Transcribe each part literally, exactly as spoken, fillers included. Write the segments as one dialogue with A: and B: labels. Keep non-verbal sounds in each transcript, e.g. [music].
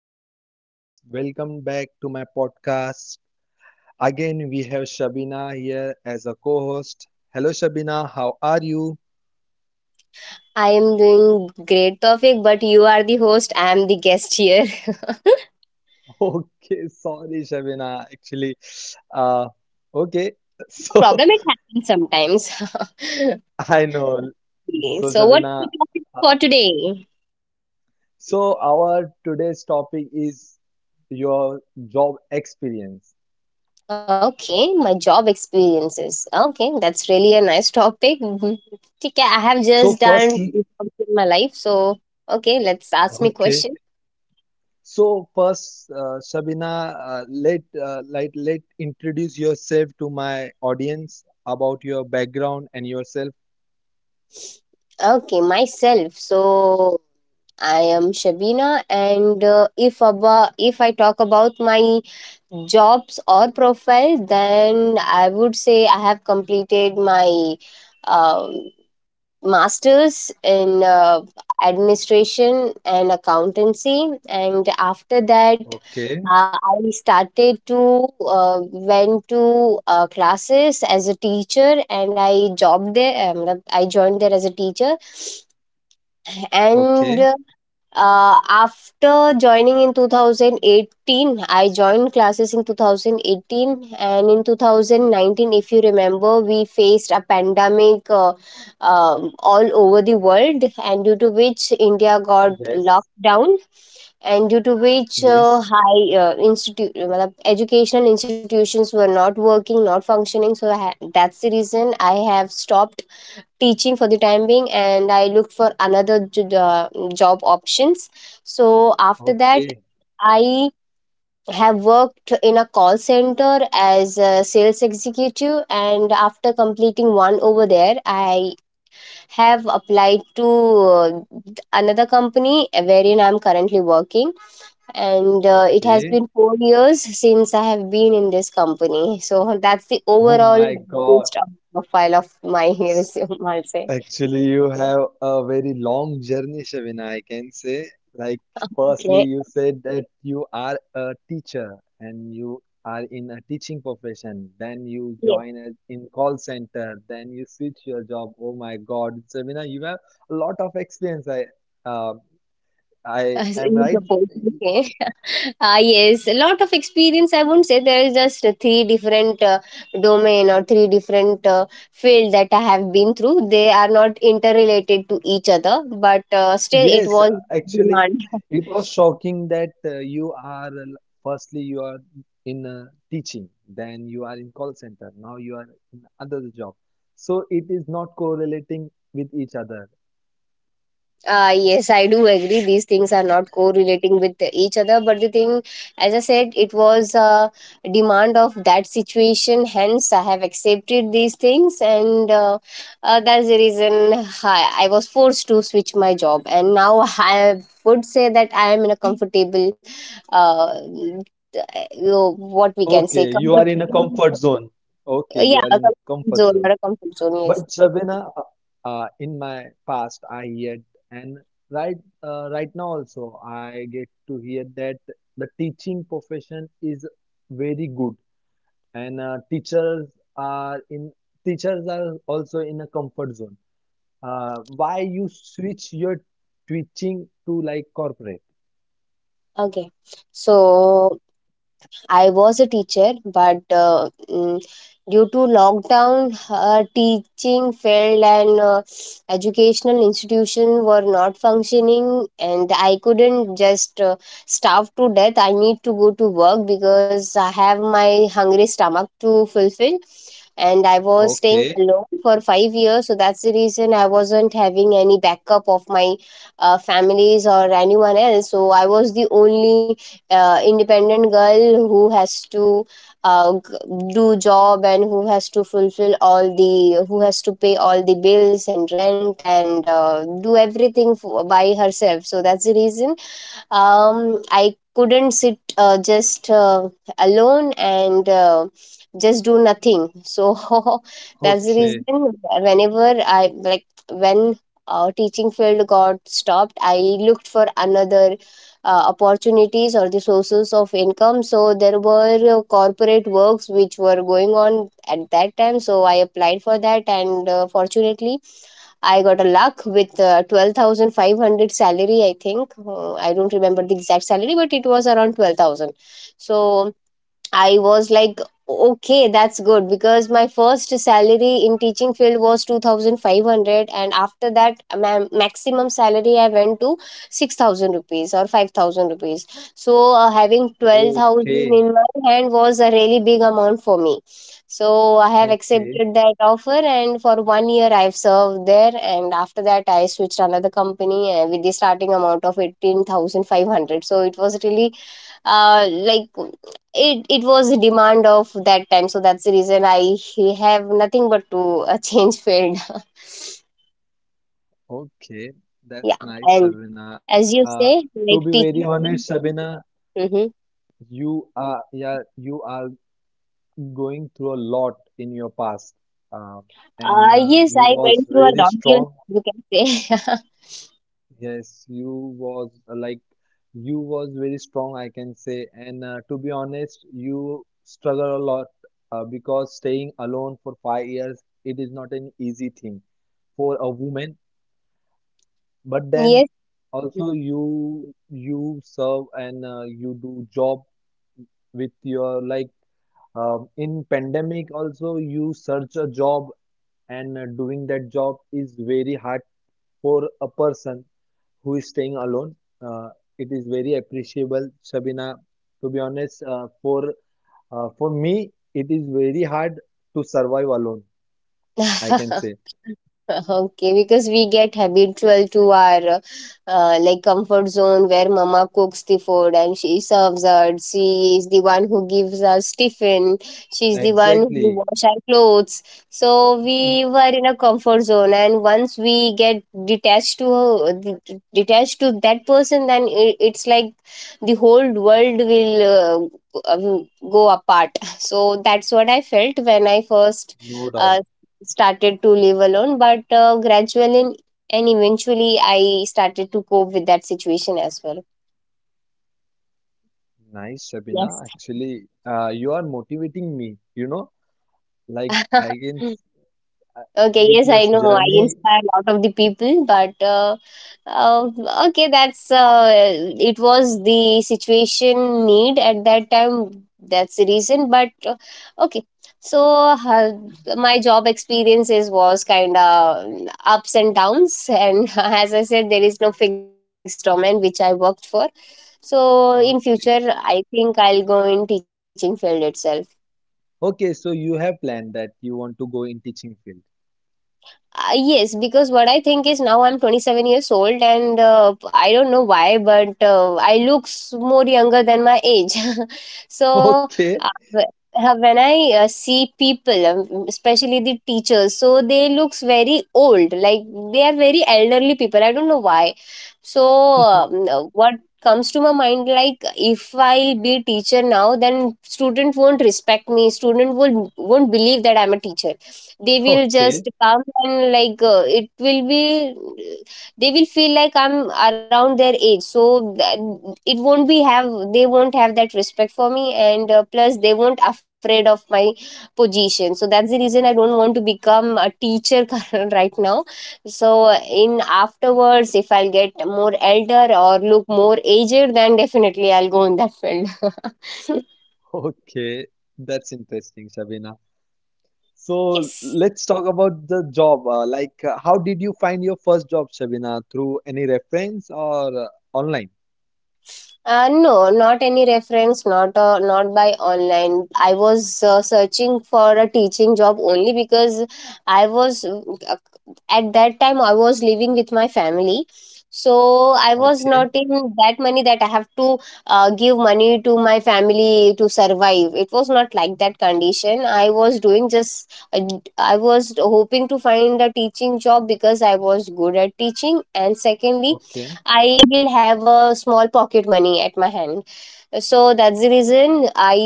A: hello guys, welcome back to my podcast. Again, we have Shabina here as a co-host. Hello Shabina, how are you?
B: I am doing great, topic, but you are the host. I am the guest here. [laughs]
A: [laughs] Okay, sorry Shabina, actually, uh, okay, [laughs]
B: No
A: so
B: problem, it happens sometimes. [laughs]
A: I know.
B: Okay,
A: So,
B: so, what's
A: Shabina,
B: the topic
A: uh,
B: for today?
A: so our today's topic is your job experience.
B: Okay, my job experiences. Okay, that's really a nice topic. Mhm. ठीक है, I have
A: So,
B: just done two
A: firstly,
B: jobs in my life, so okay, let's ask me
A: okay,
B: question.
A: so first, uh, Shabina, uh, let uh, like let introduce yourself to my audience about your background and yourself.
B: Okay, myself. So I am Shabina, and uh, if about if I talk about my jobs or profile, then I would say I have completed my um, masters in uh, administration and accountancy. And after that
A: Okay,
B: uh, I started to uh, went to uh, classes as a teacher, and I jobbed there, um, I joined there as a teacher. And
A: okay,
B: uh, after joining in twenty eighteen, I joined classes in two thousand eighteen, and in twenty nineteen, if you remember, we faced a pandemic uh, um all over the world, and due to which India got
A: yes,
B: locked down, and due to which
A: yes,
B: uh, high uh, institute, matlab, educational institutions were not working, not functioning. So I ha- that's the reason I have stopped teaching for the time being, and I looked for another j- uh, job options. So after
A: okay,
B: that I have worked in a call center as a sales executive, and after completing one over there, I have applied to uh, another company wherein I'm currently working. And uh, it has
A: okay.
B: been 4 years since I have been in this company, so that's the
A: Oh
B: overall
A: my God.
B: gist of profile of my [laughs] resume, I'll say.
A: Actually, you have a very long journey, Shavina, I can say. Like, firstly,
B: Okay.
A: you said that you are a teacher and you are in a teaching profession. Then you
B: Yes,
A: join as in call center. Then you switch your job. Oh my God, Shavina, you have a lot of experience. I, uh, I
B: as
A: am
B: in
A: right.
B: the post. Okay. [laughs] Ah, yes, a lot of experience. I wouldn't say, there is just uh, three different uh, domain or three different uh, field that I have been through. They are not interrelated to each other, but uh, still, it
A: Yes, uh,
B: was
A: actually,
B: demand. [laughs]
A: it was shocking that uh, you are uh, firstly you are in uh, teaching, then you are in call center, now you are in other job. So it is not correlating with each other.
B: Uh, yes, I do agree. These things are not correlating with each other, but the thing, as I said, it was a demand of that situation. Hence, I have accepted these things, and uh, uh, that's the reason I, I was forced to switch my job. And now I would say that I am in a comfortable, uh, you know, what we can say,
A: Okay, you
B: comfort,
A: are in a comfort zone. Okay, you
B: yeah,
A: are
B: a
A: in
B: comfort
A: comfort
B: zone
A: zone.
B: or a comfort zone. Yes.
A: But Shabina, uh, uh, in my past, I heard and right uh, right now also I get to hear that the teaching profession is very good and uh, teachers are in teachers are also in a comfort zone, uh, why you switch your teaching to like corporate.
B: Okay. So I was a teacher, but uh, mm, due to lockdown, her teaching failed, and uh, educational institution were not functioning, and I couldn't just uh, starve to death. I need to go to work because I have my hungry stomach to fulfill. And I was
A: Okay,
B: staying alone for five years, so that's the reason I wasn't having any backup of my uh, families or anyone else. So I was the only uh, independent girl who has to uh, g- do job, and who has to fulfill all the who has to pay all the bills and rent, and uh, do everything f by herself, so that's the reason um, I couldn't sit uh, just uh, alone, and uh, just do nothing. So [laughs] that's the reason
A: okay,
B: whenever I like, when uh, teaching field got stopped, I looked for another uh, opportunities or the sources of income. So there were uh, corporate works which were going on at that time. So I applied for that, and uh, fortunately I got a luck with uh, twelve thousand five hundred salary, I think. Uh, I don't remember the exact salary, but it was around twelve thousand. So I was like, okay, that's good, because my first salary in teaching field was two thousand five hundred, and after that ma- maximum salary I went to six thousand rupees or five thousand rupees. So uh, having twelve thousand in
A: okay,
B: my hand was a really big amount for me. So I have
A: okay,
B: accepted that offer, and for one year I've served there, and after that I switched another company uh, with the starting amount of eighteen thousand five hundred. So it was really uh, like it it was a demand of that time, so that's the reason I have nothing but to uh, change field.
A: okay.
B: [laughs] Yeah.
A: That's nice,
B: And
A: Sabina. Uh,
B: as you
A: to
B: say,
A: be
B: like
A: very
B: teaching.
A: honest, Sabina,
B: Mm-hmm.
A: you are yeah, you are going through a lot in your past, um, and
B: Uh
A: uh,
B: yes,
A: you
B: I went
A: was
B: through a
A: very
B: long, you
A: strong.
B: you can say.
A: Yes, you was uh, like you was very strong, I can say. And uh, to be honest, you struggle a lot uh, because staying alone for five years, it is not an easy thing for a woman. But then
B: [laughs]
A: also you you serve, and uh, you do job with your like, um, in pandemic also you search a job, and uh, doing that job is very hard for a person who is staying alone. Uh, it is very appreciable, Shabina. To be honest, uh, for uh, for me, it is very hard to survive alone. I
B: Yes.
A: can
B: [laughs]
A: say
B: Okay, because we get habitual to our uh, like comfort zone, where mama cooks the food and she serves us. She is the one who gives us tiffin. She's the one who
A: exactly,
B: wash our clothes. So we were in a comfort zone, and once we get detached to det- detached to that person, then i- it's like the whole world will uh, go uh, go apart. So that's what I felt when I first
A: no doubt.
B: uh, started to live alone, but uh, gradually and eventually I started to cope with that situation as well.
A: Nice, Shabina.
B: Yes.
A: Actually, uh, you are motivating me. You know, like I can s-
B: [laughs] Okay,
A: with
B: yes,
A: your
B: I know. I
A: journey.
B: inspire a lot of the people, but uh, uh, okay, that's uh, it was the situation need at that time. That's the reason. But uh, okay, so uh, my job experiences was kind of ups and downs, and [laughs] as I said, there is no fixed domain which I worked for. So in future,
A: Uh,
B: I think I'll go in teaching field itself.
A: okay, so you have planned that you want to go in teaching field.
B: Uh, yes, because what I think is now I'm twenty-seven years old, and uh, I don't know why, but uh, I looks more younger than my age. [laughs]
A: [laughs]
B: So,
A: Okay,
B: uh, wh- uh, when I uh, see people, um, especially the teachers, so they looks very old, like they are very elderly people. I don't know why. So, um, uh, what comes to my mind like if I'll be a teacher now, then student won't respect me, student will won't believe that I'm a teacher. They will just
A: okay,
B: come and like, uh, it will be they will feel like I'm around their age, so that it won't be have they won't have that respect for me, and uh, plus they won't afraid of my position. So that's the reason I don't want to become a teacher. [laughs] Current- right now. So in afterwards, if I'll get more elder or look more aged, then definitely I'll go in that field. [laughs]
A: okay. That's interesting, Shabina. So
B: Yes.
A: let's talk about the job. Uh, like, uh, how did you find your first job, Shabina? Through any reference or uh, online?
B: Uh, no, not any reference, not uh, not by online. I was uh, searching for a teaching job only, because I was uh, at that time I was living with my family, so I was
A: Okay,
B: not in that money that I have to uh, give money to my family to survive. It was not like that condition. I was doing just uh, I was hoping to find a teaching job, because I was good at teaching, and secondly
A: okay,
B: I will have a small pocket money at my hand, so that's the reason I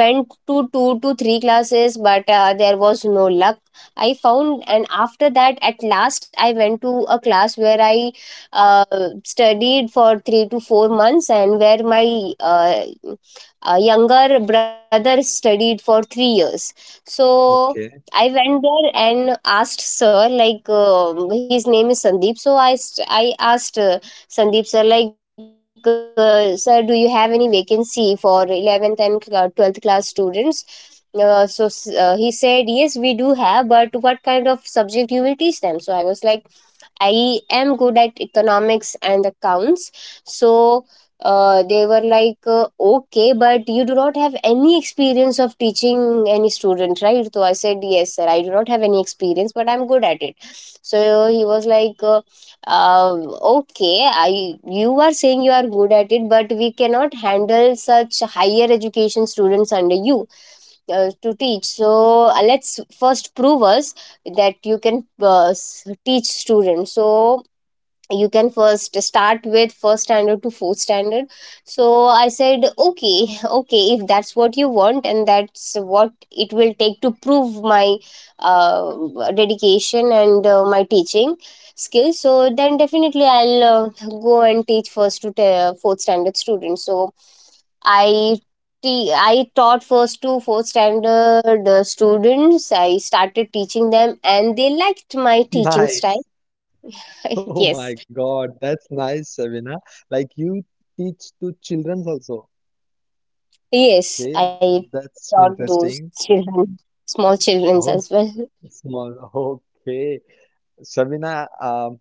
B: went to two to three classes, but uh, there was no luck I found. And after that, at last I went to a class where I uh, studied for three to four months, and where my uh, uh, younger brother studied for three years, so I
A: okay.
B: went there and asked sir, like, um his name is Sandeep. So I st- I asked, uh, Sandeep sir, like, uh, sir, do you have any vacancy for eleventh and cl- twelfth class students? Uh, so s- uh, he said, yes, we do have, but what kind of subject you will teach them? So I was like, I am good at economics and accounts. So uh, they were like, uh, okay, but you do not have any experience of teaching any student, right? So I said, yes, sir, I do not have any experience, but I'm good at it. So he was like, uh, um, okay, I you are saying you are good at it, but we cannot handle such higher education students under you uh, to teach. So uh, let's first prove us that you can uh, s- teach students. So you can first start with first standard to fourth standard. So I said, okay, okay, if that's what you want, and that's what it will take to prove my uh, dedication and uh, my teaching skills, so then definitely I'll uh, go and teach first to te- fourth standard students. So i te- I taught first to fourth standard uh, students. I started teaching them, and they liked my
A: [laughs]
B: teaching style.
A: Nice. Oh my
B: [laughs]
A: God,
B: Yes.
A: that's nice, Shabina. Like you teach to children also.
B: Yes,
A: Okay,
B: I
A: that's
B: taught those
A: interesting.
B: children, small children
A: Oh,
B: as well.
A: small. Okay, Shabina. Um,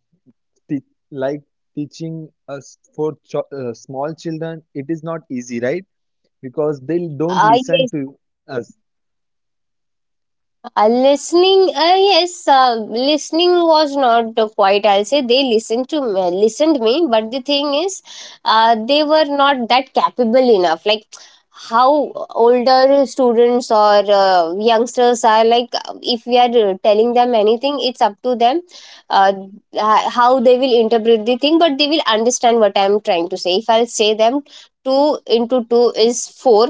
A: te like teaching us for ch uh, small children, it is not easy, right? Because they don't
B: I
A: listen to us.
B: Uh, listening, uh, yes, uh, listening was not uh, quite. I'll say they listened to me, listened me, but the thing is, uh, they were not that capable enough. Like how older students or uh, youngsters are, like if we are uh, telling them anything, it's up to them uh, h- how they will interpret the thing, but they will understand what I'm trying to say. If I'll say them two into two is four,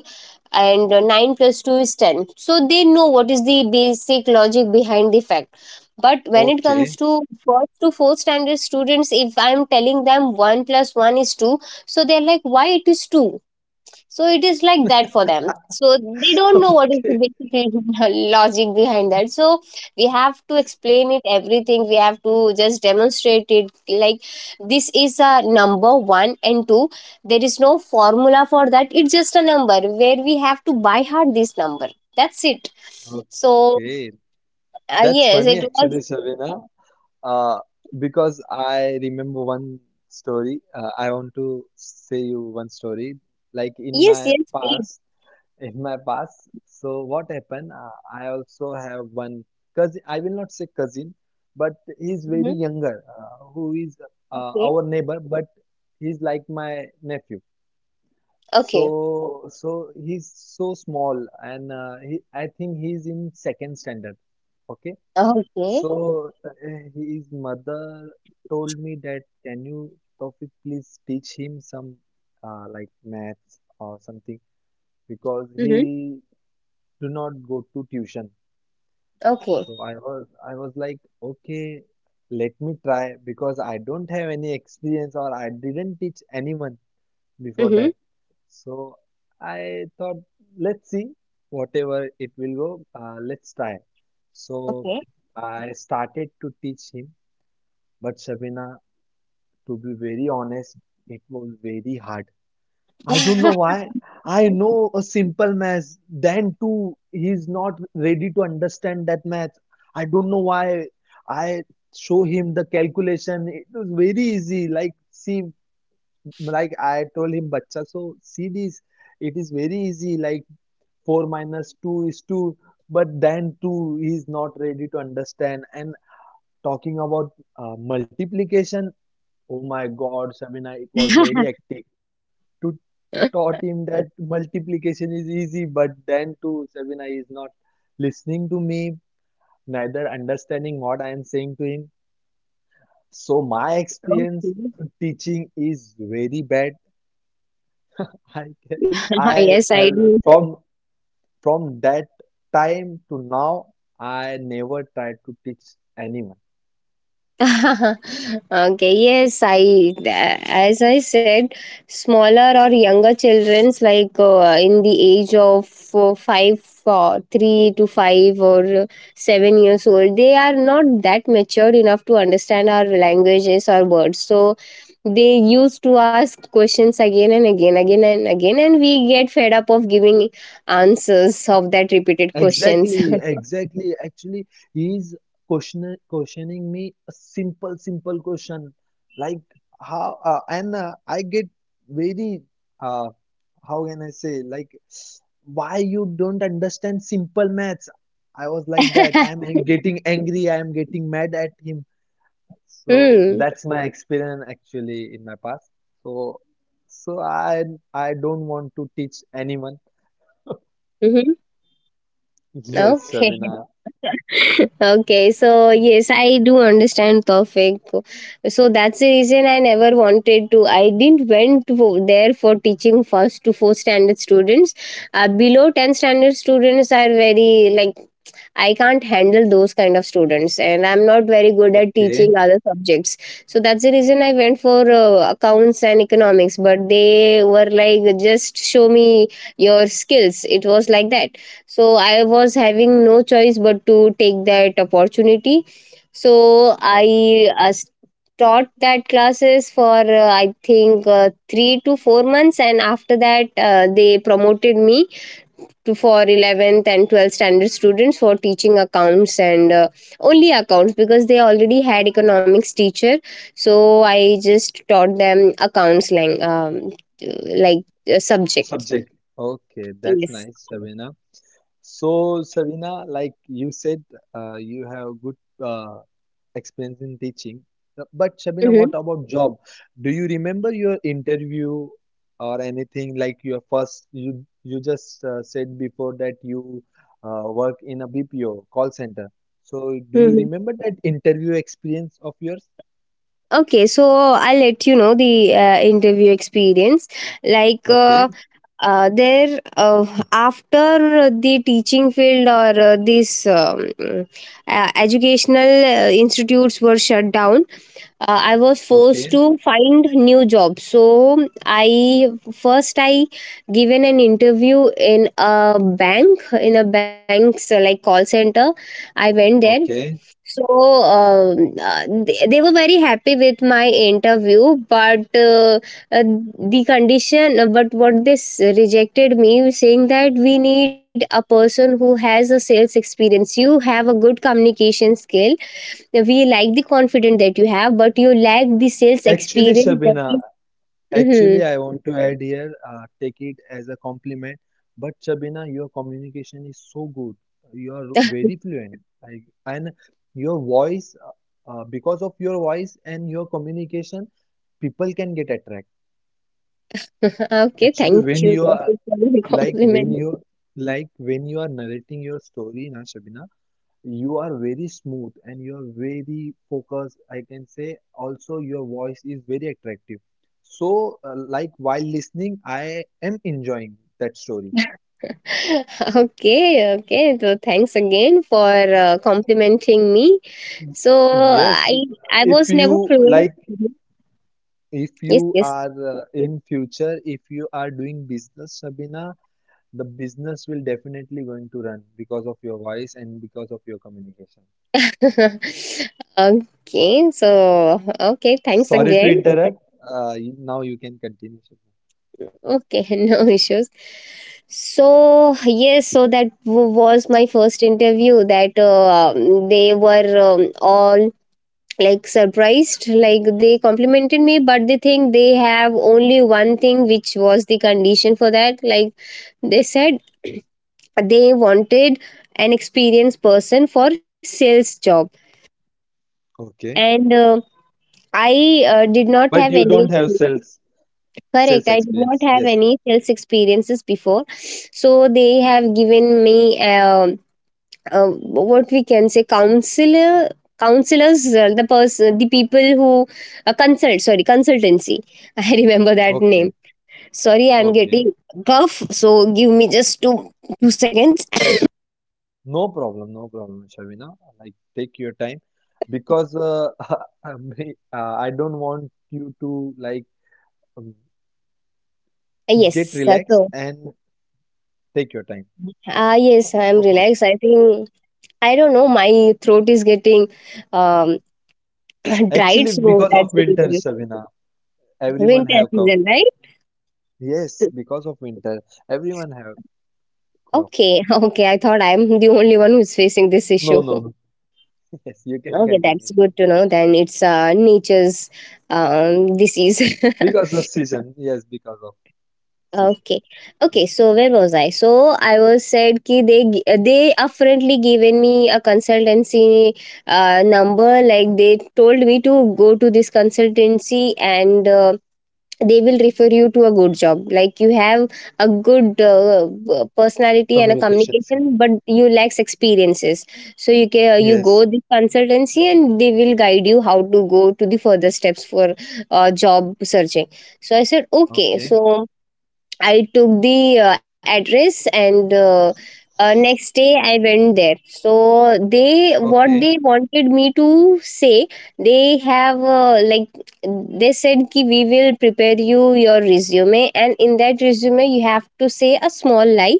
B: and uh, nine plus two is ten, so they know what is the basic logic behind the fact. But when it comes
A: Okay,
B: to first to fourth standard students, if I'm telling them one plus one is two, so they're like, why it is two. So it is like that for them. So they
A: [laughs]
B: don't know what is the
A: okay,
B: basic [laughs] logic behind that. So we have to explain it everything. We have to just demonstrate it. Like, this is a number one and two. There is no formula for that. It's just a number where we have to by heart this number. That's it. So,
A: okay.
B: uh,
A: That's
B: yes,
A: funny
B: it was.
A: actually, Savina. Uh, because I remember one story. Uh, I want to say you one story. Like in
B: Yes,
A: my
B: yes, please.
A: past, in my past. So what happened? Uh, I also have one cousin. I will not say cousin, but he's very
B: Hmm.
A: younger. Uh, who is uh,
B: Okay,
A: our neighbor, but he's like my nephew.
B: okay,
A: So, so he's so small, and uh, he, I think he's in second standard. Okay.
B: okay,
A: So uh, his mother told me that, can you, Taufik, please teach him some uh, like maths or something, because
B: mm-hmm.
A: he do not go to tuition.
B: Okay,
A: So I was I was like, okay, let me try because I don't have any experience or I didn't teach anyone before that.
B: mm-hmm.
A: So I thought, let's see, whatever it will go, uh, let's try. So
B: Okay.
A: I started to teach him, but Shabina, to be very honest, it was very hard. I don't know why.
B: [laughs]
A: I know a simple math, then too, he's not ready to understand that math. I don't know why. I show him the calculation. It was very easy. Like, see, like I told him, Bacha, so see this, it is very easy, like four minus two is two. But then two is not ready to understand. And talking about uh, multiplication, oh my God, Sabina, it was very hectic to taught him that multiplication is easy, but then too, Sabina is not listening to me, neither understanding what I am saying to him. So my experience
B: Okay.
A: teaching is very bad. [laughs] I
B: [laughs]
A: I
B: yes, I
A: uh,
B: do.
A: from From that time to now, I never tried to teach anyone.
B: [laughs] okay, yes, I as I said, smaller or younger childrens like, uh, in the age of uh, five or three to five or uh, seven years old, they are not that matured enough to understand our languages or words. So they used to ask questions again and again, again and again, and we get fed up of giving answers of that repeated questions.
A: Exactly, exactly. Actually, he's question questioning me a simple, simple question, like how, uh, and uh, I get very, uh, how can I say, like why you don't understand simple maths? I was like that.
B: [laughs]
A: I'm an- getting angry. I am getting mad at him. So
B: hmm.
A: that's my experience actually in my past. So so I I don't want to teach anyone.
B: Hmm.
A: [laughs] Yes,
B: Okay.
A: Shabina.
B: [laughs] Okay. So, yes, I do understand Tawfiq. So, that's the reason I never wanted to. I didn't went for, there for teaching first to fourth standard students. Uh, below ten standard students are very, like, I can't handle those kind of students, and I'm not very good at
A: Okay.
B: teaching other subjects. So that's the reason I went for uh, accounts and economics, but they were like, just show me your skills. It was like that. So I was having no choice but to take that opportunity. So
A: Okay.
B: I, uh, s- taught that classes for, uh, I think uh, three to four months. And after that, uh, they promoted me to for eleventh and twelfth standard students for teaching accounts and, uh, only accounts, because they already had economics teacher. So I just taught them accounts, like, um, like uh, subject.
A: Subject. Okay, that's
B: Yes,
A: nice, Shabina. So Shabina, like you said, uh, you have good uh, experience in teaching. Uh, But Shabina,
B: mm-hmm.
A: what about job? Do you remember your interview or anything, like your first? You you just uh, said before that you uh, work in a B P O call center. So do you
B: Mm-hmm.
A: remember that interview experience of yours?
B: Okay, so I'll let you know the uh, interview experience, like, uh,
A: Okay,
B: uh, there uh, after the teaching field or uh, this, um, uh, educational uh, institutes were shut down. uh, I was forced
A: okay,
B: to find new jobs. So I first I given an interview in a bank in a bank's, uh, like, call center. I went there.
A: okay.
B: So um, uh, they, they were very happy with my interview, but uh, uh, the condition, uh, but what this rejected me, saying that, "We need a person who has a sales experience. You have a good communication skill, that we like the confidence that you have, but you lack the sales
A: Actually,
B: experience." That
A: Shabina,
B: is. Mm-hmm.
A: Actually, I want to add here, uh, take it as a compliment. But Shabina, your communication is so good. You're very fluent. Like, and your voice, uh, uh, because of your voice and your communication, people can get attracted.
B: [laughs] okay,
A: Actually,
B: thank
A: when
B: you
A: you
B: for
A: are
B: the
A: like when
B: compliment.
A: you like when you are narrating your story, na Shabina, you are very smooth and you are very focused, I can say. Also, your voice is very attractive. So, uh, like while listening, I am enjoying that story.
B: [laughs] okay, okay. So, thanks again for uh, complimenting me. So
A: Yes,
B: I I
A: if
B: was never
A: you
B: fluent.
A: like,
B: Mhm.
A: if
B: Yes,
A: you
B: yes.
A: are uh, in future, if you are doing business, Sabina, the business will definitely going to run because of your voice and because of your communication.
B: [laughs] okay, so, okay, thanks
A: Sorry to
B: again.
A: interrupt. Uh, you- now you can continue, Sabina.
B: Okay, [laughs] no issues. So, yes, so that, w- was my first interview. That, uh, um, they were, um, all, like, surprised, like, they complimented me, but they think they have only one thing, which was the condition for that. Like, they said, they wanted an experienced person for sales job,
A: Okay.
B: and uh, I uh, did
A: But
B: not
A: you
B: have
A: don't have
B: any.
A: sales. Sales
B: Correct. I did
A: experience.
B: not have
A: Yes.
B: any sales experiences before. So they have given me, um uh, what we can say, counselor counselors, uh, the person the people who uh, consult, sorry, consultancy. [laughs] I remember that
A: Okay.
B: name. Sorry, I'm
A: Okay.
B: getting cough, so give me just two two seconds.
A: No problem. No problem, Shavina. Like, take your time, because uh, [laughs] I may- uh, I don't want you to like um,
B: [coughs]
A: get
B: yes, uh,
A: relaxed,
B: so
A: and take your time.
B: ah yes, I'm
A: No problem.
B: relaxed, I think. I don't know, my throat is getting, um [coughs] [clears throat] dried,
A: Actually,
B: so
A: because of
B: that's the
A: winter,
B: reason.
A: Shavina, everyone
B: Winter
A: have cough.
B: season, right?
A: Yes, because of winter, everyone have cough.
B: Okay, [laughs] okay. I thought I'm the only one who's facing this issue.
A: No, no, no. [laughs] Yes, you can
B: Okay, that's
A: continue,
B: good
A: Shavina.
B: to know. Then it's uh, nature's, um, disease. [laughs]
A: Because of season. Yes, because of season.
B: okay, okay.
A: Yeah.
B: So, where was I? So I was said ki they, gi- they apparently given me a consultancy uh, number. Like, they told me to go to this consultancy and uh, they will refer you to a good job, like, you have a good, uh, uh, personality and a
A: Communication skill.
B: communication, but you lacks experiences. So you can, you go
A: Yes.
B: the consultancy, and they will guide you how to go to the further steps for uh, job searching. So I said, okay.
A: Okay.
B: So I took the uh, address and, uh, uh, next day I went there. So they what they
A: Okay.
B: wanted me to say, they have, uh, like, they said ki, "We will prepare you your resume, and in that resume you have to say a small lie."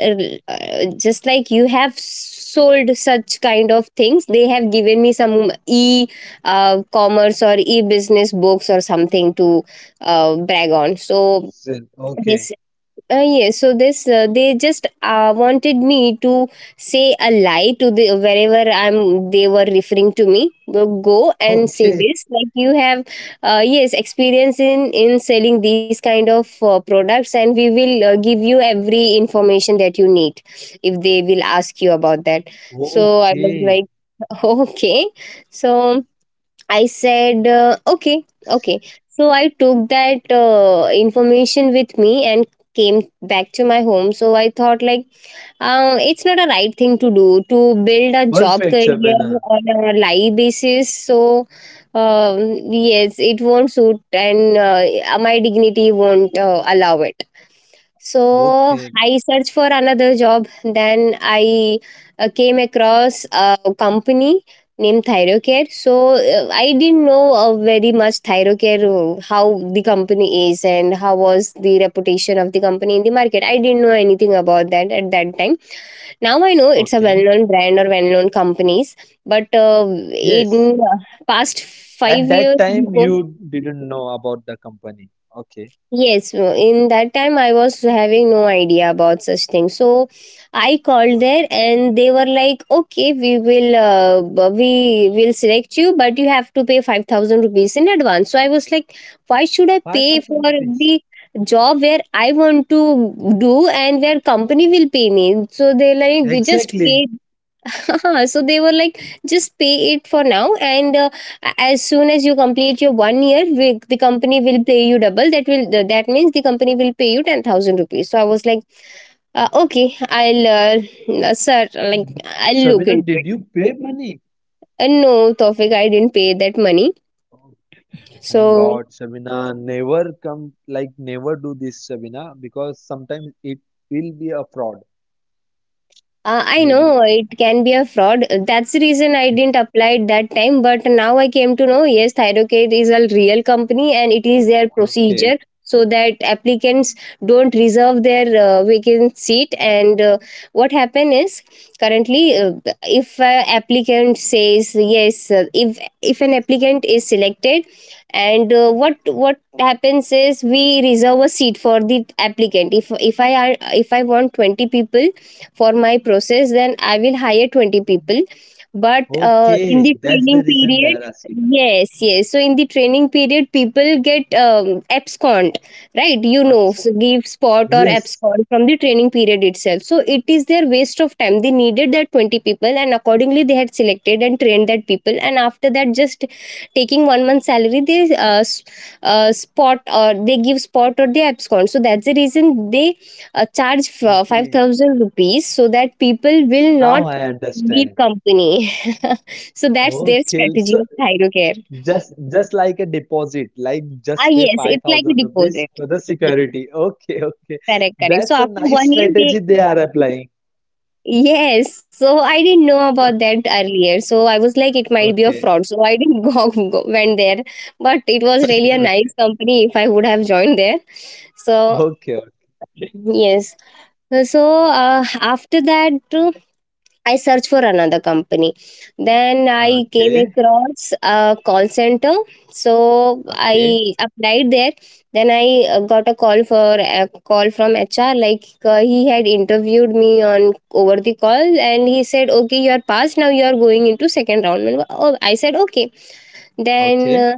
B: Uh, uh, just like you have sold such kind of things, they have given me some e, uh, commerce or e business books or something to uh, brag on. So
A: Sil-
B: they,
A: Okay,
B: uh, yes, so this, uh, they just uh, wanted me to say a lie to the, wherever I'm, they were referring to me. Go, go and say this,
A: okay,
B: like, you have, uh, yes, experience in, in selling these kind of uh, products, and we will uh, give you every information that you need, if they will ask you about that. So I was like,
A: okay.
B: [laughs] okay. So I said, uh, okay, okay. So I took that uh, information with me and came back to my home. So I thought, like, uh, it's not a right thing to do, to build a job
A: Perfect,
B: career
A: Shabana.
B: on a lie basis. So, um, yes, it won't suit, and uh, my dignity won't uh, allow it. So
A: Okay,
B: I searched for another job. Then I uh, came across a company named Thyrocare. So, uh, I didn't know uh, very much Thyrocare, uh, how the company is and how was the reputation of the company in the market. I didn't know anything about that at that time. Now I know it's a
A: okay.
B: well-known brand or well-known companies. But, uh,
A: Yes.
B: in uh, past five
A: At
B: years
A: that time,
B: before.
A: you didn't know about the company. Okay,
B: Yes, uh, in that time I was having no idea about such things. So I called there
A: okay.
B: and they were like, "Okay, we will, uh, b- we will select you, but you have to pay 5000 rupees in advance." So I was like, "Why should I pay for
A: five thousand
B: the
A: rupees.
B: job where I want to do, and where company will pay me?" So they like, "You just pay."
A: Exactly.
B: Haha, so they were like, just pay it for now, and, uh, a- as soon as you complete your one year, we, the company will pay you double. That will, th- that means the company will pay you 10000 rupees. So I was like, uh, okay, I'll, uh, uh, sir, like, I'll look
A: Mhm.
B: into
A: Did
B: it.
A: you pay money?
B: And no, Tofik, I didn't pay that money.
A: Oh, thank
B: So,
A: God, Shabina. Never come, like, never do this, Shabina, because sometimes it will be a fraud.
B: Uh, I
A: Maybe.
B: know it can be a fraud. That's the reason I
A: it-
B: didn't apply it that time. But now I came to know, yes, Thyrocare is a real company, and it is their
A: Okay.
B: procedure so that applicants don't reserve their uh, vacant seat. And uh, what happen is, currently, uh, if an applicant says yes, uh, if if an applicant is selected, and uh, what what happens is, we reserve a seat for the applicant. If if I are if I want twenty people for my process, then I will hire twenty people. But uh, in the
A: Okay. That's
B: training
A: the reason
B: period.
A: they are asking us.
B: Yes, yes. So, in the training period, people get, um, abscond, right, you know
A: Ask
B: so,
A: us.
B: give spot or
A: Yes.
B: abscond from the training period itself. So it is their waste of time. They needed that twenty people, and accordingly they had selected and trained that people, and after that, just taking one month salary, they, uh, s- uh, spot or they give spot, or they abscond. So that's the reason they uh, charge, f-
A: Okay.
B: five thousand rupees, so that people will
A: Now
B: not
A: I
B: leave
A: understand.
B: company. [laughs] so that's their
A: Okay.
B: strategy
A: So
B: of thyro.
A: just just like a deposit, like
B: Ah
A: just pay
B: yes, it's like a
A: five thousand rupees
B: deposit.
A: for the
B: Yes,
A: security. Okay, okay.
B: correct correct. So
A: That's a
B: after
A: nice
B: one year
A: strategy
B: they,
A: they are applying.
B: yes, so I didn't know about that earlier, so I was like, it might be a
A: Okay.
B: fraud, so I didn't, [laughs] go, go went there. But it was really
A: [laughs]
B: a nice
A: Okay.
B: company, if I would have joined there. So,
A: Okay.
B: yes. So, uh, after that, uh, I searched for another company. Then I came
A: Okay.
B: across a call center. So
A: Okay.
B: I applied there. Then I, uh, got a call for, a call from H R. Like, uh, he had interviewed me on over the call, and he said, "Okay, you are passed. Now you are going into second round." And, oh, I said, "Okay." Then,
A: Okay.
B: uh,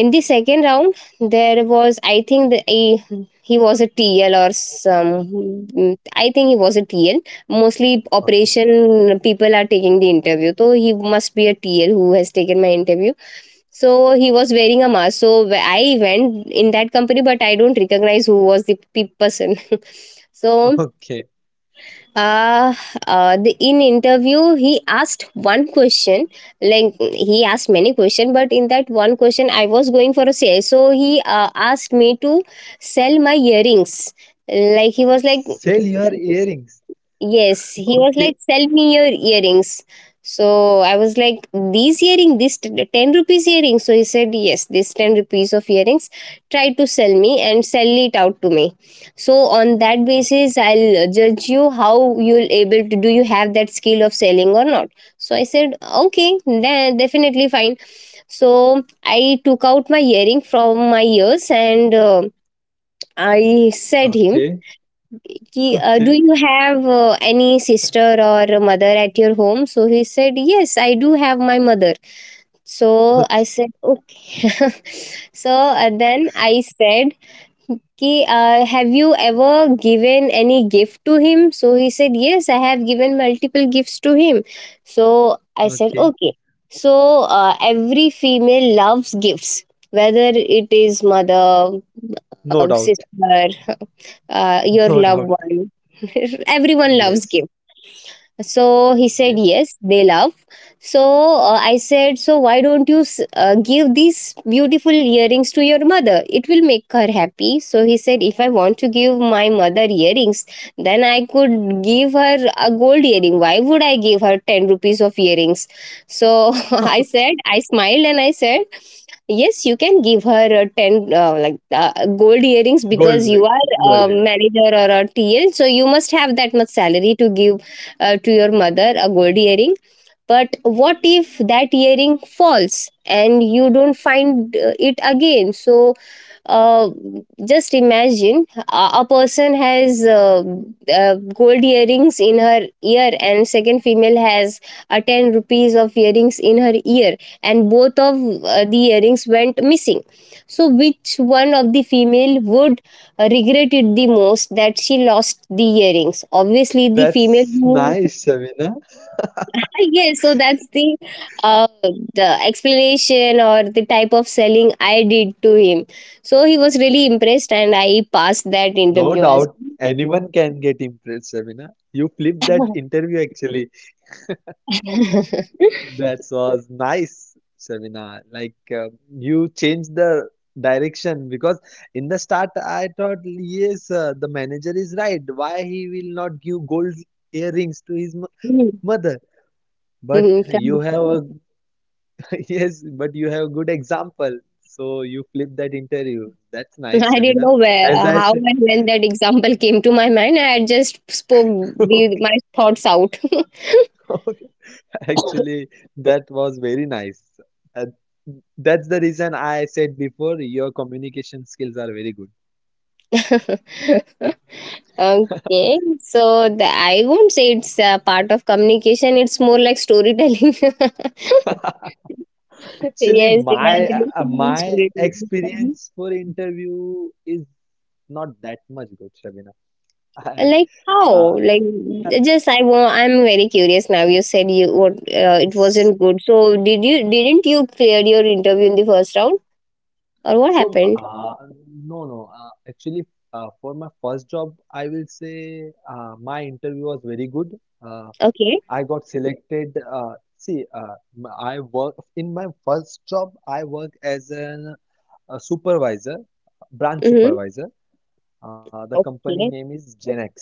B: in the second round, there was, I think, the, a, he was a tl, or some, mm, I think he was a tl. Mostly
A: Okay.
B: operation people are taking the interview, so he must be a tl who has taken my interview. So he was wearing a mask, so, wh- I went in that company, but I don't recognize who was the, pe- person. [laughs] so,
A: Okay.
B: uh, uh the, in interview, he asked one question. Like, he asked many questions, but in that one question I was going for a sale, so he uh, asked me to sell my earrings. Like he was like
A: Sell your earrings.
B: Yes, he was like,
A: Okay.
B: sell me your earrings. So I was like, these earring, this t- 10 rupees earring. So he said, yes, this ten rupees of earrings, try to sell me and sell it out to me. So on that
A: Okay.
B: basis, I'll judge you how you'll able to, do you have that skill of selling or not? So I said, okay, then definitely fine. So I took out my earring from my ears and uh, I said him
A: Okay.
B: ki, uh,
A: Okay.
B: do you have uh, any sister or a mother at your home? So he said, yes, I do have my mother. So I
A: Okay.
B: said, okay. [laughs] so uh, then I said, okay, uh, have you ever given any gift to him? So he said, yes, I have given multiple gifts to him. So I said,
A: Okay.
B: okay. So uh, every female loves gifts, whether it is mother,
A: No
B: uh,
A: doubt.
B: sister, [laughs] uh, your
A: No
B: loved
A: doubt.
B: one. [laughs] Everyone loves
A: Yes.
B: gifts. So he said,
A: Yes.
B: yes, they love. So uh, I said, so why don't you s- uh, give these beautiful earrings to your mother? It will make her happy. So he said, if I want to give my mother earrings, then I could give her a gold earring. Why would I give her ten rupees of earrings? So [laughs] I said, I smiled and I said, yes, you can give her a ten uh, like uh, gold earrings
A: Gold
B: because you
A: ring.
B: are
A: Gold
B: a
A: ring.
B: manager or a T L. So you must have that much salary to give uh, to your mother a gold earring, but what if that earring falls and you don't find uh, it again? So uh, just imagine a, a person has uh, uh, gold earrings in her ear and second female has a ten rupees of earrings in her ear, and both of uh, the earrings went missing, so which one of the female would regret it the most that she lost the earrings? Obviously the female
A: That's [laughs]
B: who.
A: nice, Sabina.
B: [laughs] Yes, so that's the uh, the explanation or the type of selling I did to him. So he was really impressed and I passed that
A: No
B: interview as.
A: doubt anyone can get impressed, Sabina. You flipped that interview actually. That was nice, Sabina. Like, uh, you changed the direction, because in the start I thought, yes, uh, the manager is right. Why he will not give gold earrings to his mo- mother? But
B: Mhm,
A: you
B: correct.
A: have
B: [laughs]
A: a [laughs] yes, but you have a good example. So you flipped that interview. That's nice,
B: I didn't
A: Sabina.
B: know where,
A: As
B: uh,
A: I
B: how
A: said,
B: and when that example came to my mind. I just spoke
A: [laughs]
B: the,
A: okay.
B: my thoughts out. [laughs]
A: Actually, that was very nice. Uh, that's the reason I said before your communication skills are very good.
B: Okay, so the, I won't say it's a part of communication. It's more like storytelling. [laughs]
A: Actually,
B: Yes, the
A: my uh, uh,
B: graduation is
A: my
B: really fun.
A: experience for interview is not that much good, Shabina. [laughs] I,
B: Like
A: uh,
B: how? Like just I wa- I'm very curious now. You said you what uh, it
A: s-
B: wasn't good. So did you didn't you clear your interview in the first round or what
A: so
B: happened?
A: uh, no no. Uh, actually, uh, for my first job, I will say, uh, my interview was very good. Uh,
B: Okay.
A: I got selected. Uh, see, uh, m- I work in my first job. I work as an, a supervisor, branch
B: Mhm.
A: supervisor. Uh, the company name
B: Okay.
A: is Genex.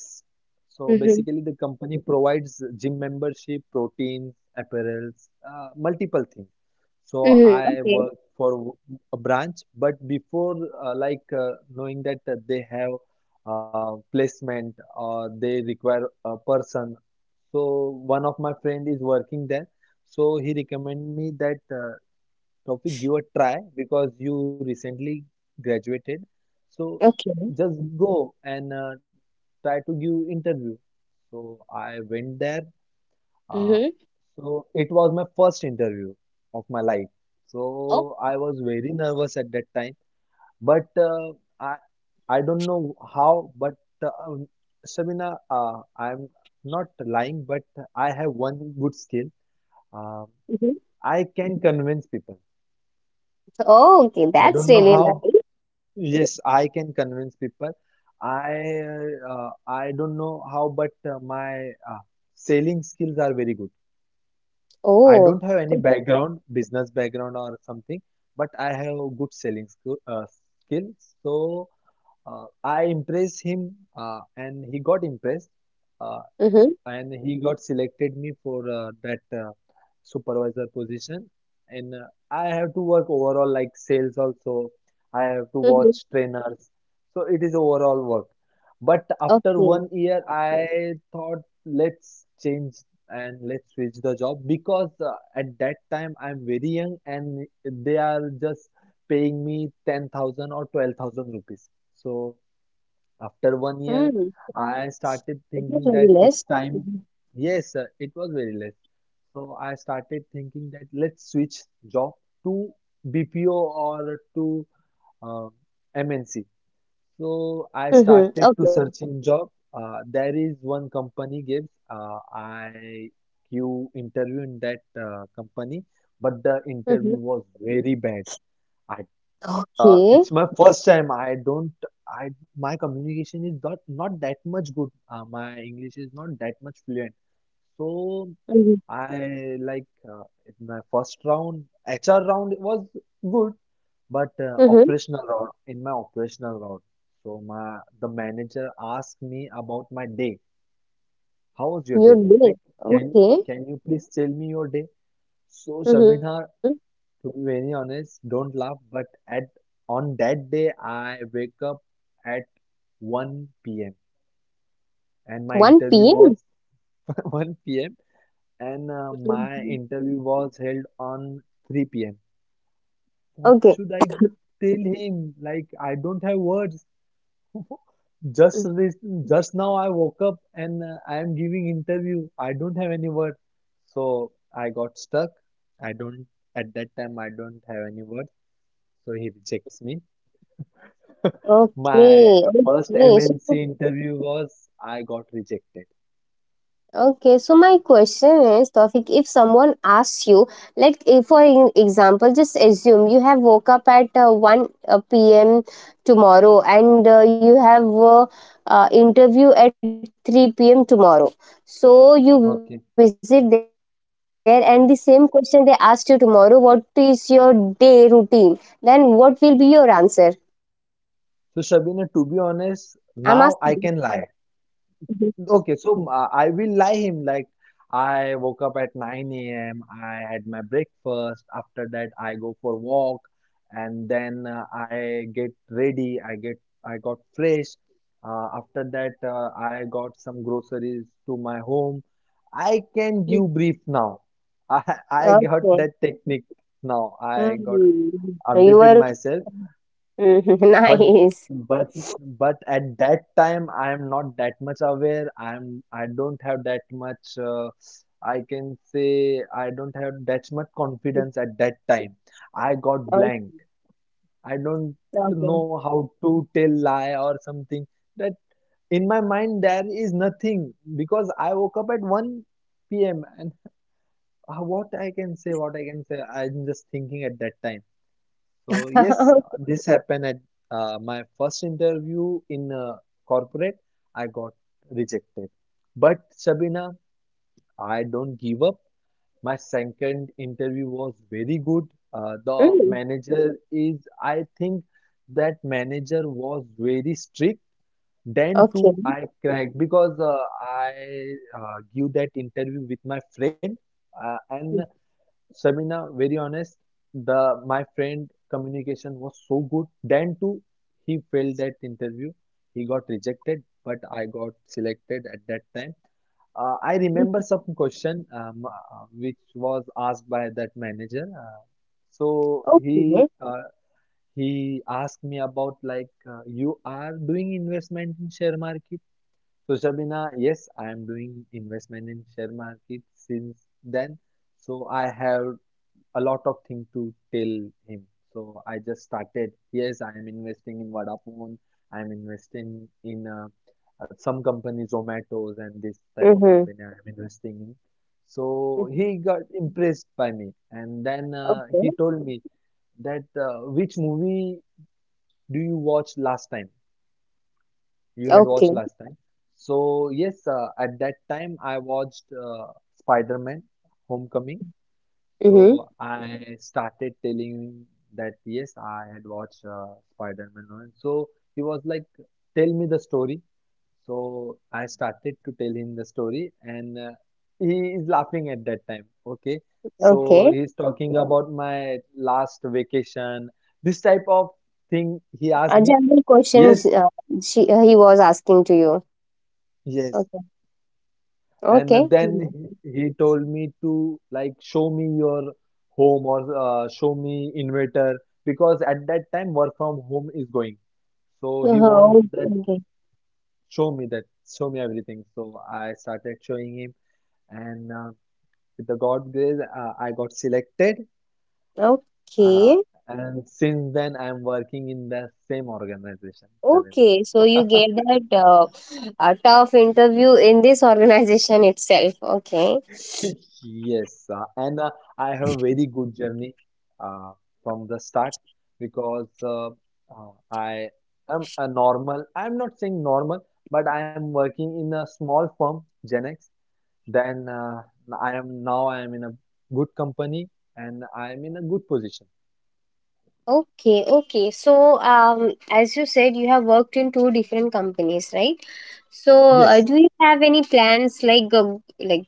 A: So
B: Mhm.
A: basically, the company provides gym membership, proteins, apparels, uh, multiple things. So
B: Mhm.
A: I
B: Okay.
A: work for w- a branch, but before uh, like uh, knowing that uh, they have uh, placement or they require a person, so one of my friend is working there. So he recommend me that uh, Tawfiq give a try because you recently graduated. So
B: Okay.
A: just go and uh, try to give interview. So I went there. Uh,
B: Mhm.
A: so it was my first interview of my life.
B: Oh.
A: So I was very nervous at that time, but uh, I I don't know how, but uh, um, Sabina, uh, I'm not lying, but I have one good skill. Um,
B: Mhm.
A: I can convince people.
B: Oh, okay.
A: I
B: That's
A: don't know
B: really
A: how.
B: nice.
A: Yes, I can convince people. I uh, I don't know how, but uh, my uh, selling skills are very good. I
B: Oh.
A: don't have any background, business background or something, but I have good selling skill, uh, skills. So uh, I impressed him, uh, and he got impressed, uh,
B: Mhm.
A: and he got selected me for uh, that uh, supervisor position. And uh, I have to work overall like sales also. I have to
B: Mhm.
A: watch trainers, so it is overall work. But after one
B: Okay.
A: year, I thought let's change and let's switch the job because uh, at that time I'm very young and they are just paying me ten thousand or twelve thousand rupees, so after one
B: Hmm.
A: year, I started
B: It was very
A: thinking that
B: less.
A: it's
B: Mhm.
A: time. Yes, uh, it was very less. So I started thinking that let's switch job to B P O or to um, M N C. So I
B: Mhm.
A: started
B: Okay.
A: to searching job. Uh, there is one company gives. Uh, I you interview in that uh, company, but the
B: Mhm.
A: interview was very bad. I uh,
B: Okay.
A: It's my first time. I don't. I My communication is not not that much good. Uh, my English is not that much fluent. So
B: Mm-hmm.
A: I like uh, in my first round, H R round was good, but uh,
B: Mhm.
A: operational round in my operational round. So my the manager asked me about my day. How was your day,
B: Your
A: Taufik?
B: day.
A: Can
B: Okay.
A: can you please tell me your day? So
B: Mhm.
A: Shabina, to be very honest, don't laugh, but at on that day I wake up at one p m and my
B: 1
A: interview
B: PM?
A: was [laughs] one p m and uh, my
B: Mhm.
A: interview was held on three p m. What
B: Okay.
A: should I tell him? Like I don't have words. [laughs] Just
B: Mm.
A: this, just now I woke up and uh, I am giving interview. I don't have any word. So I got stuck. I don't At that time I don't have any word. So he rejects me. [laughs] My
B: Okay.
A: first
B: Okay. So,
A: M N C interview was I got rejected.
B: okay. So my question is, Tawfiq, if someone asks you, like, if for in- example, just assume you have woke up at uh, one p m tomorrow and uh, you have uh, uh, interview at three p m tomorrow. So you visit there
A: Okay.
B: and the same question they asked you tomorrow, what is your day routine? Then what will be your answer?
A: So Shabina,
B: I'm
A: to be
B: asking.
A: honest, now I can
B: Mhm,
A: lie. Okay, so uh, I will lie him like I woke up at nine a m. I had my breakfast. After that, I go for walk, and then uh, I get ready. I get I got fresh. Uh, after that, uh, I got some groceries to my home. I can
B: mm.
A: give brief now. [laughs] I I got
B: Okay.
A: that technique now. I got
B: Mm. You
A: updated
B: were
A: myself,
B: mhm. [laughs]
A: but
B: Nice.
A: but but at that time I am not that much aware. I'm i don't have that much uh, I can say I don't have that much confidence. At that time I got
B: Okay.
A: blank. I don't
B: Okay.
A: know how to tell lie or something. That In my mind there is nothing because I woke up at one p.m. and uh, what i can say what I can say, I'm just thinking at that time. So yes,
B: [laughs]
A: this happened at uh, my first interview in uh, corporate. I got rejected. But Shabina, I don't give up. My second interview was very good. Uh, the
B: Mm,
A: manager is, I think that manager was very strict. Then
B: okay.
A: too, I cracked because uh, I uh, give that interview with my friend, uh, and
B: Mhm,
A: Sabina, very honest, the my friend communication was so good. Then too, he failed that interview. He got rejected, but I got selected at that time. Uh, I remember some question, um, uh, which was asked by that manager. Uh, so he
B: okay.
A: uh, he asked me about like, uh, "You are doing investment in share market." So Shabina, yes, I am doing investment in share market since then. So I have a lot of thing to tell him. So I just started. Yes, I am investing in Vodafone. I am investing in uh, uh, some companies, Zomato's and this type of
B: Mm-hmm.
A: company I am investing in. So he got impressed by me, and then uh,
B: Okay.
A: he told me that, uh, "Which movie do you watch last time? You had
B: Okay.
A: watched last time?" So yes, uh, at that time I watched uh, Spider-Man: Homecoming,
B: Mm-hmm.
A: so I started telling that, "Yes, I had watched uh, Spider-Man one." So he was like, "Tell me the story." So I started to tell him the story, and uh, he is laughing at that time. Okay, so
B: Okay.
A: he's talking about my last vacation. This type of thing he asked
B: A
A: me.
B: general questions
A: Yes,
B: uh, she uh, he was asking to you.
A: yes.
B: Okay. Okay.
A: And
B: Mhm.
A: then he told me to like show me your home or uh, show me inverter because at that time work from home is going. So he wants
B: Uh-huh.
A: that,
B: Okay.
A: "Show me that, show me everything." So I started showing him, and uh, with the God grace, uh, I got selected. Uh,
B: Okay.
A: and since then, I'm working in the same organization.
B: Okay. So you gave that uh, a tough interview in this organization itself. Okay.
A: [laughs] Yes, uh, and uh, I have a very good journey uh, from the start because uh, uh, I am a normal, I'm not saying normal, but I am working in a small firm, Genex. Then uh, I am now I am in a good company and I am in a good position.
B: Okay, okay. So, um, as you said, you have worked in two different companies, right? So, uh,
A: Yes.
B: do you have any plans like uh, like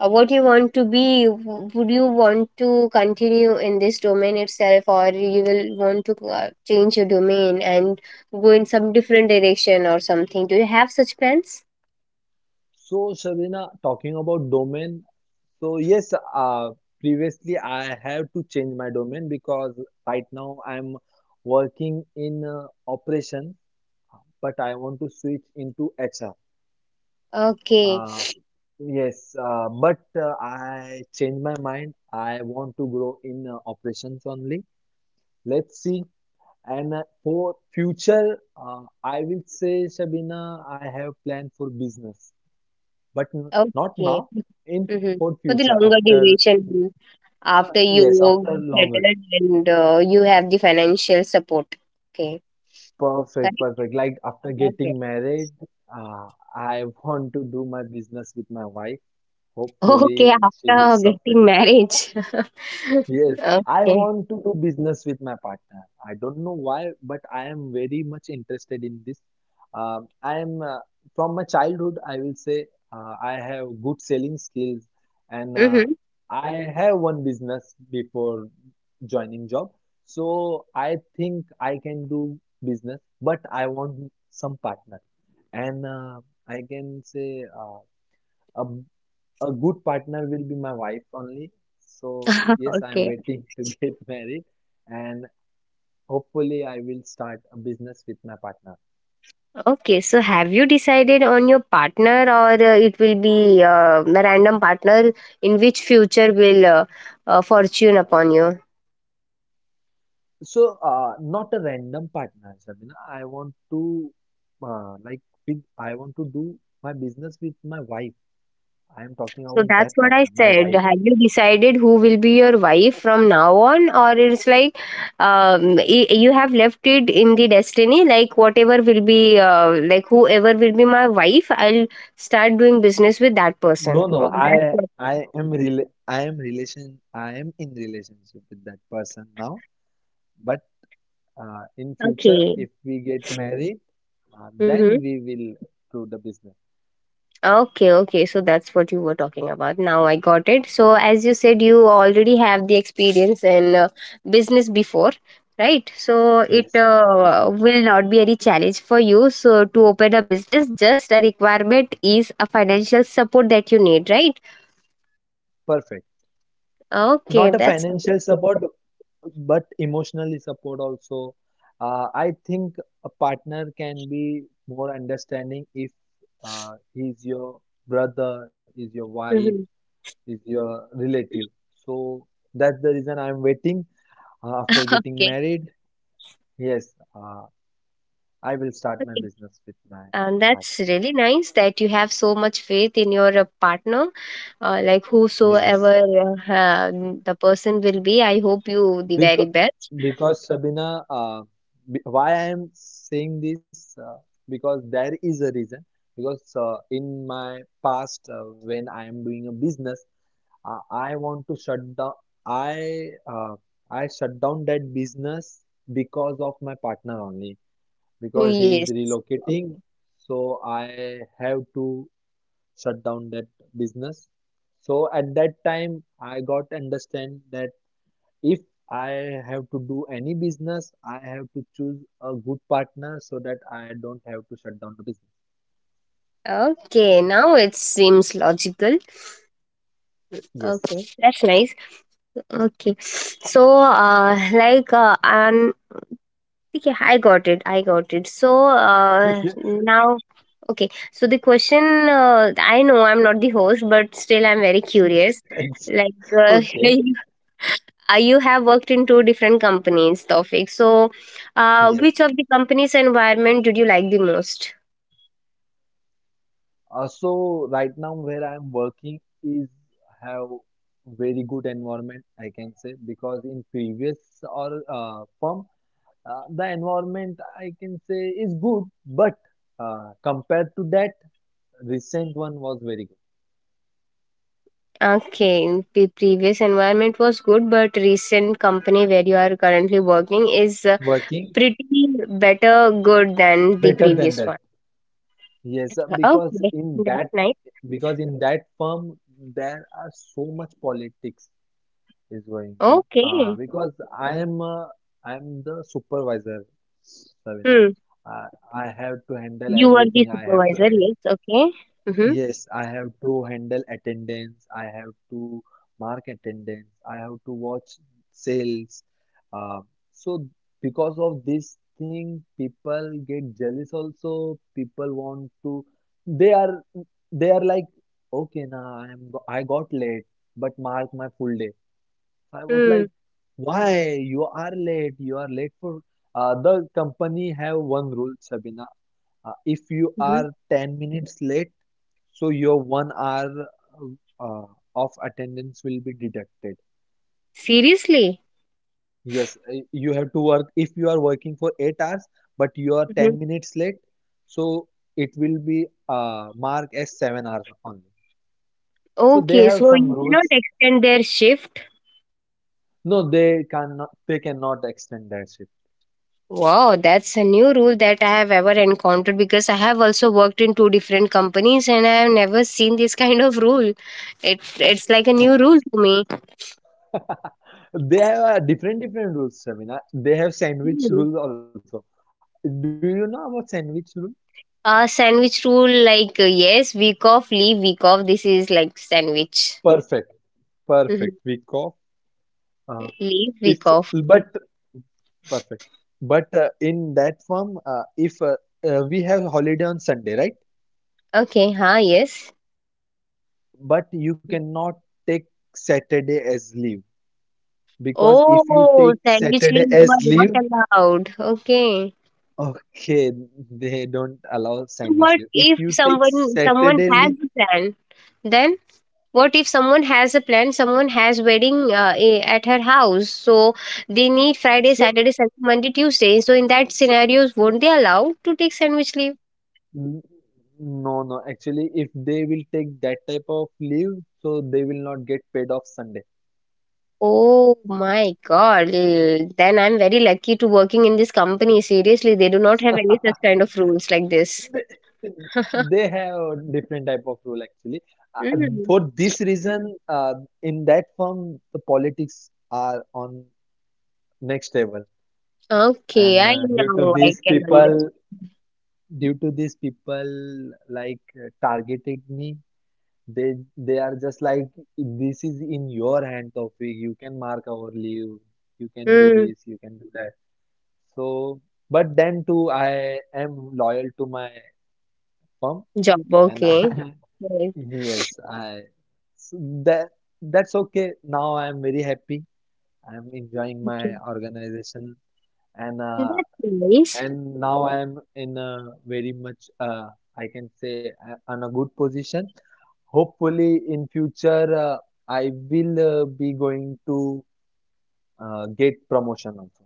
B: uh, what you want to be? W- Would you want to continue in this domain itself, or you will want to uh, change your domain and go in some different direction or something? Do you have such plans?
A: So, Shabina, talking about domain, so yes, uh, previously I have to change my domain because right now I'm working in uh, operation, uh, but I want to switch into H R.
B: Okay,
A: Uh, yes, uh, but uh, I changed my mind. I want to grow in uh, operations only. Let's see. And uh, for future, uh, I will say, Shabina, I have plan for business, but n- not
B: okay.
A: now. In
B: Mm-hmm.
A: For
B: For the
A: future
B: longer
A: after...
B: duration.
A: Uh,
B: After you
A: yes,
B: work
A: after longer.
B: settled and uh, you have the financial support. Okay,
A: Perfect,
B: correct.
A: perfect. Like after
B: Okay.
A: getting
B: [laughs]
A: married, uh, I want to do my business with my wife. Hopefully,
B: Okay,
A: she will
B: after
A: support
B: getting
A: me.
B: marriage. [laughs]
A: Yes, I
B: Okay.
A: want to do business with my partner. I don't know why, but I am very much interested in this. Um, I am uh, From my childhood, I will say uh, I have good selling skills, and uh,
B: Mm-hmm.
A: I have one business before joining job. So I think I can do business, but I want some partner, and uh, I can say uh, a a good partner will be my wife only. So yes, I'm
B: Okay.
A: waiting [laughs] to get married and hopefully I will start a business with my partner.
B: Okay. So, have you decided on your partner, or uh, it will be uh, a random partner in which future will uh, uh, fortune upon you?
A: So uh, not a random partner, Sabina. I want to uh, like with I want to do my business with my wife. I am talking
B: So
A: about
B: that's
A: that
B: what I
A: partner, my
B: said.
A: wife.
B: Have you decided who will be your wife from now on, or it's like um, y- you have left it in the destiny? Like whatever will be, uh, like whoever will be my wife, I'll start doing business with that
A: No,
B: person.
A: no,
B: Oh,
A: I
B: that's it.
A: I am rela I am relation I am in relationship with that person now, but uh, in future
B: Okay.
A: if we get married... Uh, then
B: Hmm.
A: we will do the business.
B: Okay, okay. So that's what you were talking about. Now I got it. So as you said, you already have the experience in uh, business before, right? So it
A: Yes. Yes.
B: uh, will not be any challenge for you. So to open a business, just a requirement is a financial support that you need, right?
A: Perfect.
B: Okay,
A: Not a
B: that's.
A: financial support, but emotionally support also. Uh, I think a partner can be more understanding if uh, he's your brother, is your wife,
B: Mhm.
A: is your relative. So that's the reason I'm waiting. Uh, after getting
B: [laughs]
A: married, yes, uh, I will start my
B: Okay.
A: business with my
B: And
A: wife.
B: that's really nice that you have so much faith in your uh, partner, uh, like
A: Yes.
B: whosoever uh, um, the person will be. I hope you the very
A: Because,
B: best.
A: because Sabina, uh, b- why I am saying this, uh, because there is a reason. Because uh, in my past, uh, when I am doing a business, uh, I want to shut down. I uh, I shut down that business because of my partner only. Because he is
B: Yes.
A: relocating, so I have to shut down that business. So at that time, I got understand that. If I have to do any business, I have to choose a good partner so that I don't have to shut down the business.
B: Okay, now it seems logical. Okay,
A: Yes.
B: that's nice. Okay, so uh, like uh, um, okay, I got it. I got it. So
A: [laughs]
B: uh,
A: Yeah,
B: now, okay. So the question, uh, I know I'm not the host, but still I'm very curious.
A: ex-
B: Like, uh,
A: Okay.
B: [laughs] uh, you have worked in two different companies, Tawfiq. So, uh, which
A: Yes.
B: of the company's environment did you like the most?
A: Uh, so right now where I'm working is have very good environment, I can say, because in previous or uh, firm, uh, the environment I can say is good, but uh, compared to that, recent one was very good.
B: Okay, the previous environment was good, but recent company where you are currently working is uh,
A: Working
B: pretty better good than the
A: better than
B: previous
A: that.
B: one.
A: Yes, uh, because
B: Okay,
A: in
B: that's
A: that
B: nice.
A: because in that firm there are so much politics is going. Be- Uh,
B: Okay.
A: because I am uh, I am the supervisor, Savina.
B: Hmm.
A: I, I have to handle
B: You were the
A: everything. I have to...
B: supervisor, yes. Okay. Mm-hmm.
A: Yes, I have to handle attendance. I have to mark attendance. I have to watch sales. Uh, so because of this thing, people get jealous also. People want to, they are, they are like, okay, now I am, go- I got late, but mark my full day. So I was
B: Hmm,
A: like, why? You are late. You are late for, uh, the company have one rule, Sabina, uh, if you
B: mm-hmm.
A: are ten minutes late, so your one hour uh, of attendance will be deducted.
B: Seriously?
A: Yes, uh, you have to work. If you are working for eight hours, but you are
B: Mm-hmm.
A: ten minutes late, so it will be uh, marked as seven hours only. So they
B: Okay,
A: have
B: so
A: some
B: you cannot
A: rules.
B: extend their shift.
A: No, they cannot they cannot extend that shift.
B: Wow, that's a new rule that I have ever encountered because I have also worked in two different companies and I have never seen this kind of rule. It it's like a new rule to me.
A: They have uh, different different rules, Shamina. They have sandwich
B: Mm.
A: rules also. Do you know about sandwich rule?
B: Uh sandwich rule like uh, yes, week off, leave week off. This is like sandwich.
A: Perfect, perfect.
B: Mhm.
A: Week off. Uh,
B: Leave week
A: If
B: off.
A: but Perfect. But uh, in that form, uh, if uh, uh, we have holiday on Sunday, right?
B: Okay, huh, yes.
A: But you cannot take Saturday as leave because if you
B: Oh,
A: take
B: sandwich
A: Saturday
B: leaves
A: as
B: were
A: leave,
B: not allowed. Okay.
A: okay, they don't allow
B: So
A: sandwich
B: what
A: leave. If
B: if
A: you take
B: someone someone
A: Saturday
B: has
A: leave,
B: a plan? Then what if someone has a plan, someone has wedding uh, i- at her house, so they need Friday,
A: so
B: Saturday, Sunday, Monday, Tuesday. So
A: so
B: in that scenarios won't they allowed to take sandwich leave?
A: n- no, no, actually if they will take that type of leave, so they will not get paid off Sunday.
B: Oh my god. L- then I'm very lucky to working in this company. Seriously, they do not have any such kind of rules like this.
A: they they
B: [laughs]
A: have a different type of role actually. uh, for
B: Mm.
A: this reason, uh, in that firm the politics are on next level.
B: Okay,
A: And
B: I
A: uh, due to
B: know I
A: these
B: can understand.
A: people due to these people like uh, targeting me, they they are just like, "This is in your hand Taufik, you can mark our leave, you can do
B: Mm.
A: this, you can do that." So but then too I am loyal to my firm.
B: Job,
A: And I,
B: okay.
A: [laughs]
B: Right,
A: yes, I so that that's okay. Now I am very happy. I am enjoying my
B: okay.
A: organization and
B: That's
A: uh,
B: nice.
A: and now I am in a very much uh, I can say uh, on a good position. Hopefully in future uh, I will uh, be going to uh, get promotion also.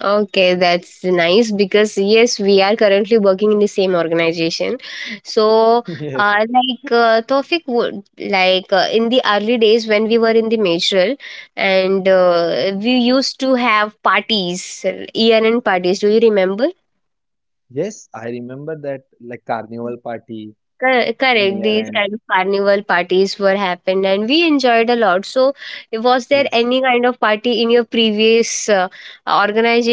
B: Okay, that's nice because yes, we are currently working in the same organization. So,
A: [laughs] Yes.
B: uh, like uh, Tofik would like uh, in the early days when we were in the majoral, and uh, we used to have parties, year-end parties. Do you remember?
A: Yes, I remember that like carnival party
B: Cor-
A: and
B: Correct.
A: year
B: These
A: end.
B: kind of carnival parties were happened, and we enjoyed a lot. So, was there
A: Yes.
B: any kind of party in your previous uh,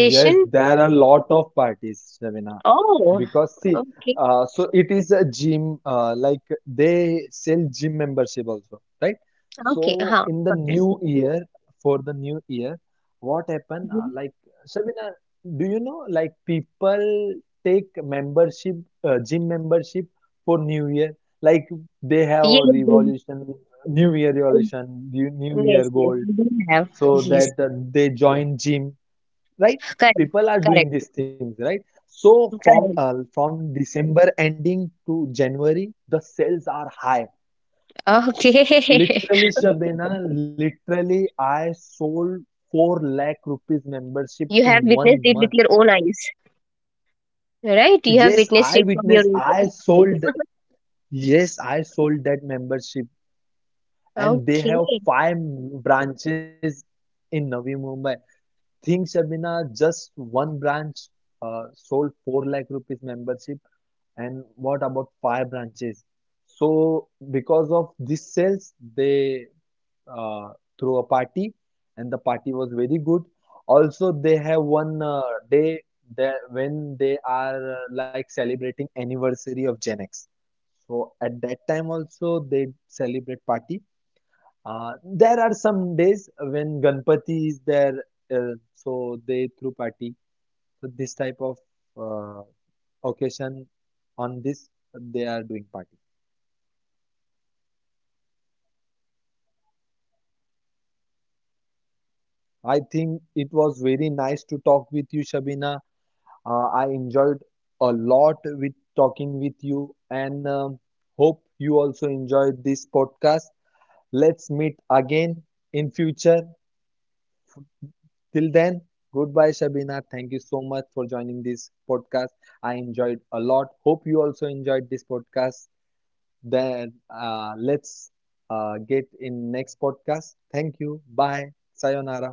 A: Yes, there are a lot of parties, Ravina.
B: Oh,
A: Because see,
B: okay.
A: uh, so it is a gym, uh, like they sell gym membership also, right?
B: Okay, huh,
A: So in
B: got
A: the
B: it.
A: new year, for the new year, what happened? Uh,
B: Mhm.
A: like Shabina, do you know? Like people take membership, uh, gym membership for New Year. Like they have
B: Yes,
A: a
B: yes,
A: revolution, New Year
B: I-
A: revolution, new New
B: yes,
A: Year
B: yes,
A: goal,
B: we do have.
A: so
B: Yes,
A: that uh, they join gym, right?
B: correct,
A: People are doing
B: correct,
A: these things, right? So from
B: correct.
A: uh, from December ending to January, the sales are high.
B: Okay, [laughs]
A: Literally Shabina, literally I sold four lakh
B: you
A: rupees
B: have witnessed
A: membership
B: it
A: in
B: with your
A: one
B: own
A: month
B: eyes, right? You have witnessed
A: Yes,
B: it from
A: I
B: your own
A: witnessed,
B: eyes.
A: I sold,
B: [laughs]
A: yes, I sold that membership. And they
B: Okay.
A: have five branches in Navi Mumbai. Think Shabina, just one branch uh, sold four lakh rupees membership. And what about fire branches? So, because of these cells, they uh, threw a party, and the party was very good. Also, they have one uh, day that when they are uh, like celebrating anniversary of Gen X. So at that time also they celebrate party. Uh, there are some days when Ganpati is there, uh, so they threw party. So this type of uh, occasion on this they are doing party. I think it was very nice to talk with you, Shabina. Uh, I enjoyed a lot with talking with you and um, hope you also enjoyed this podcast. Let's meet again in future. Till then, goodbye, Shabina. Thank you so much for joining this podcast. I enjoyed a lot. Hope you also enjoyed this podcast. Then uh, let's uh, get in next podcast. Thank you. Bye. Sayonara.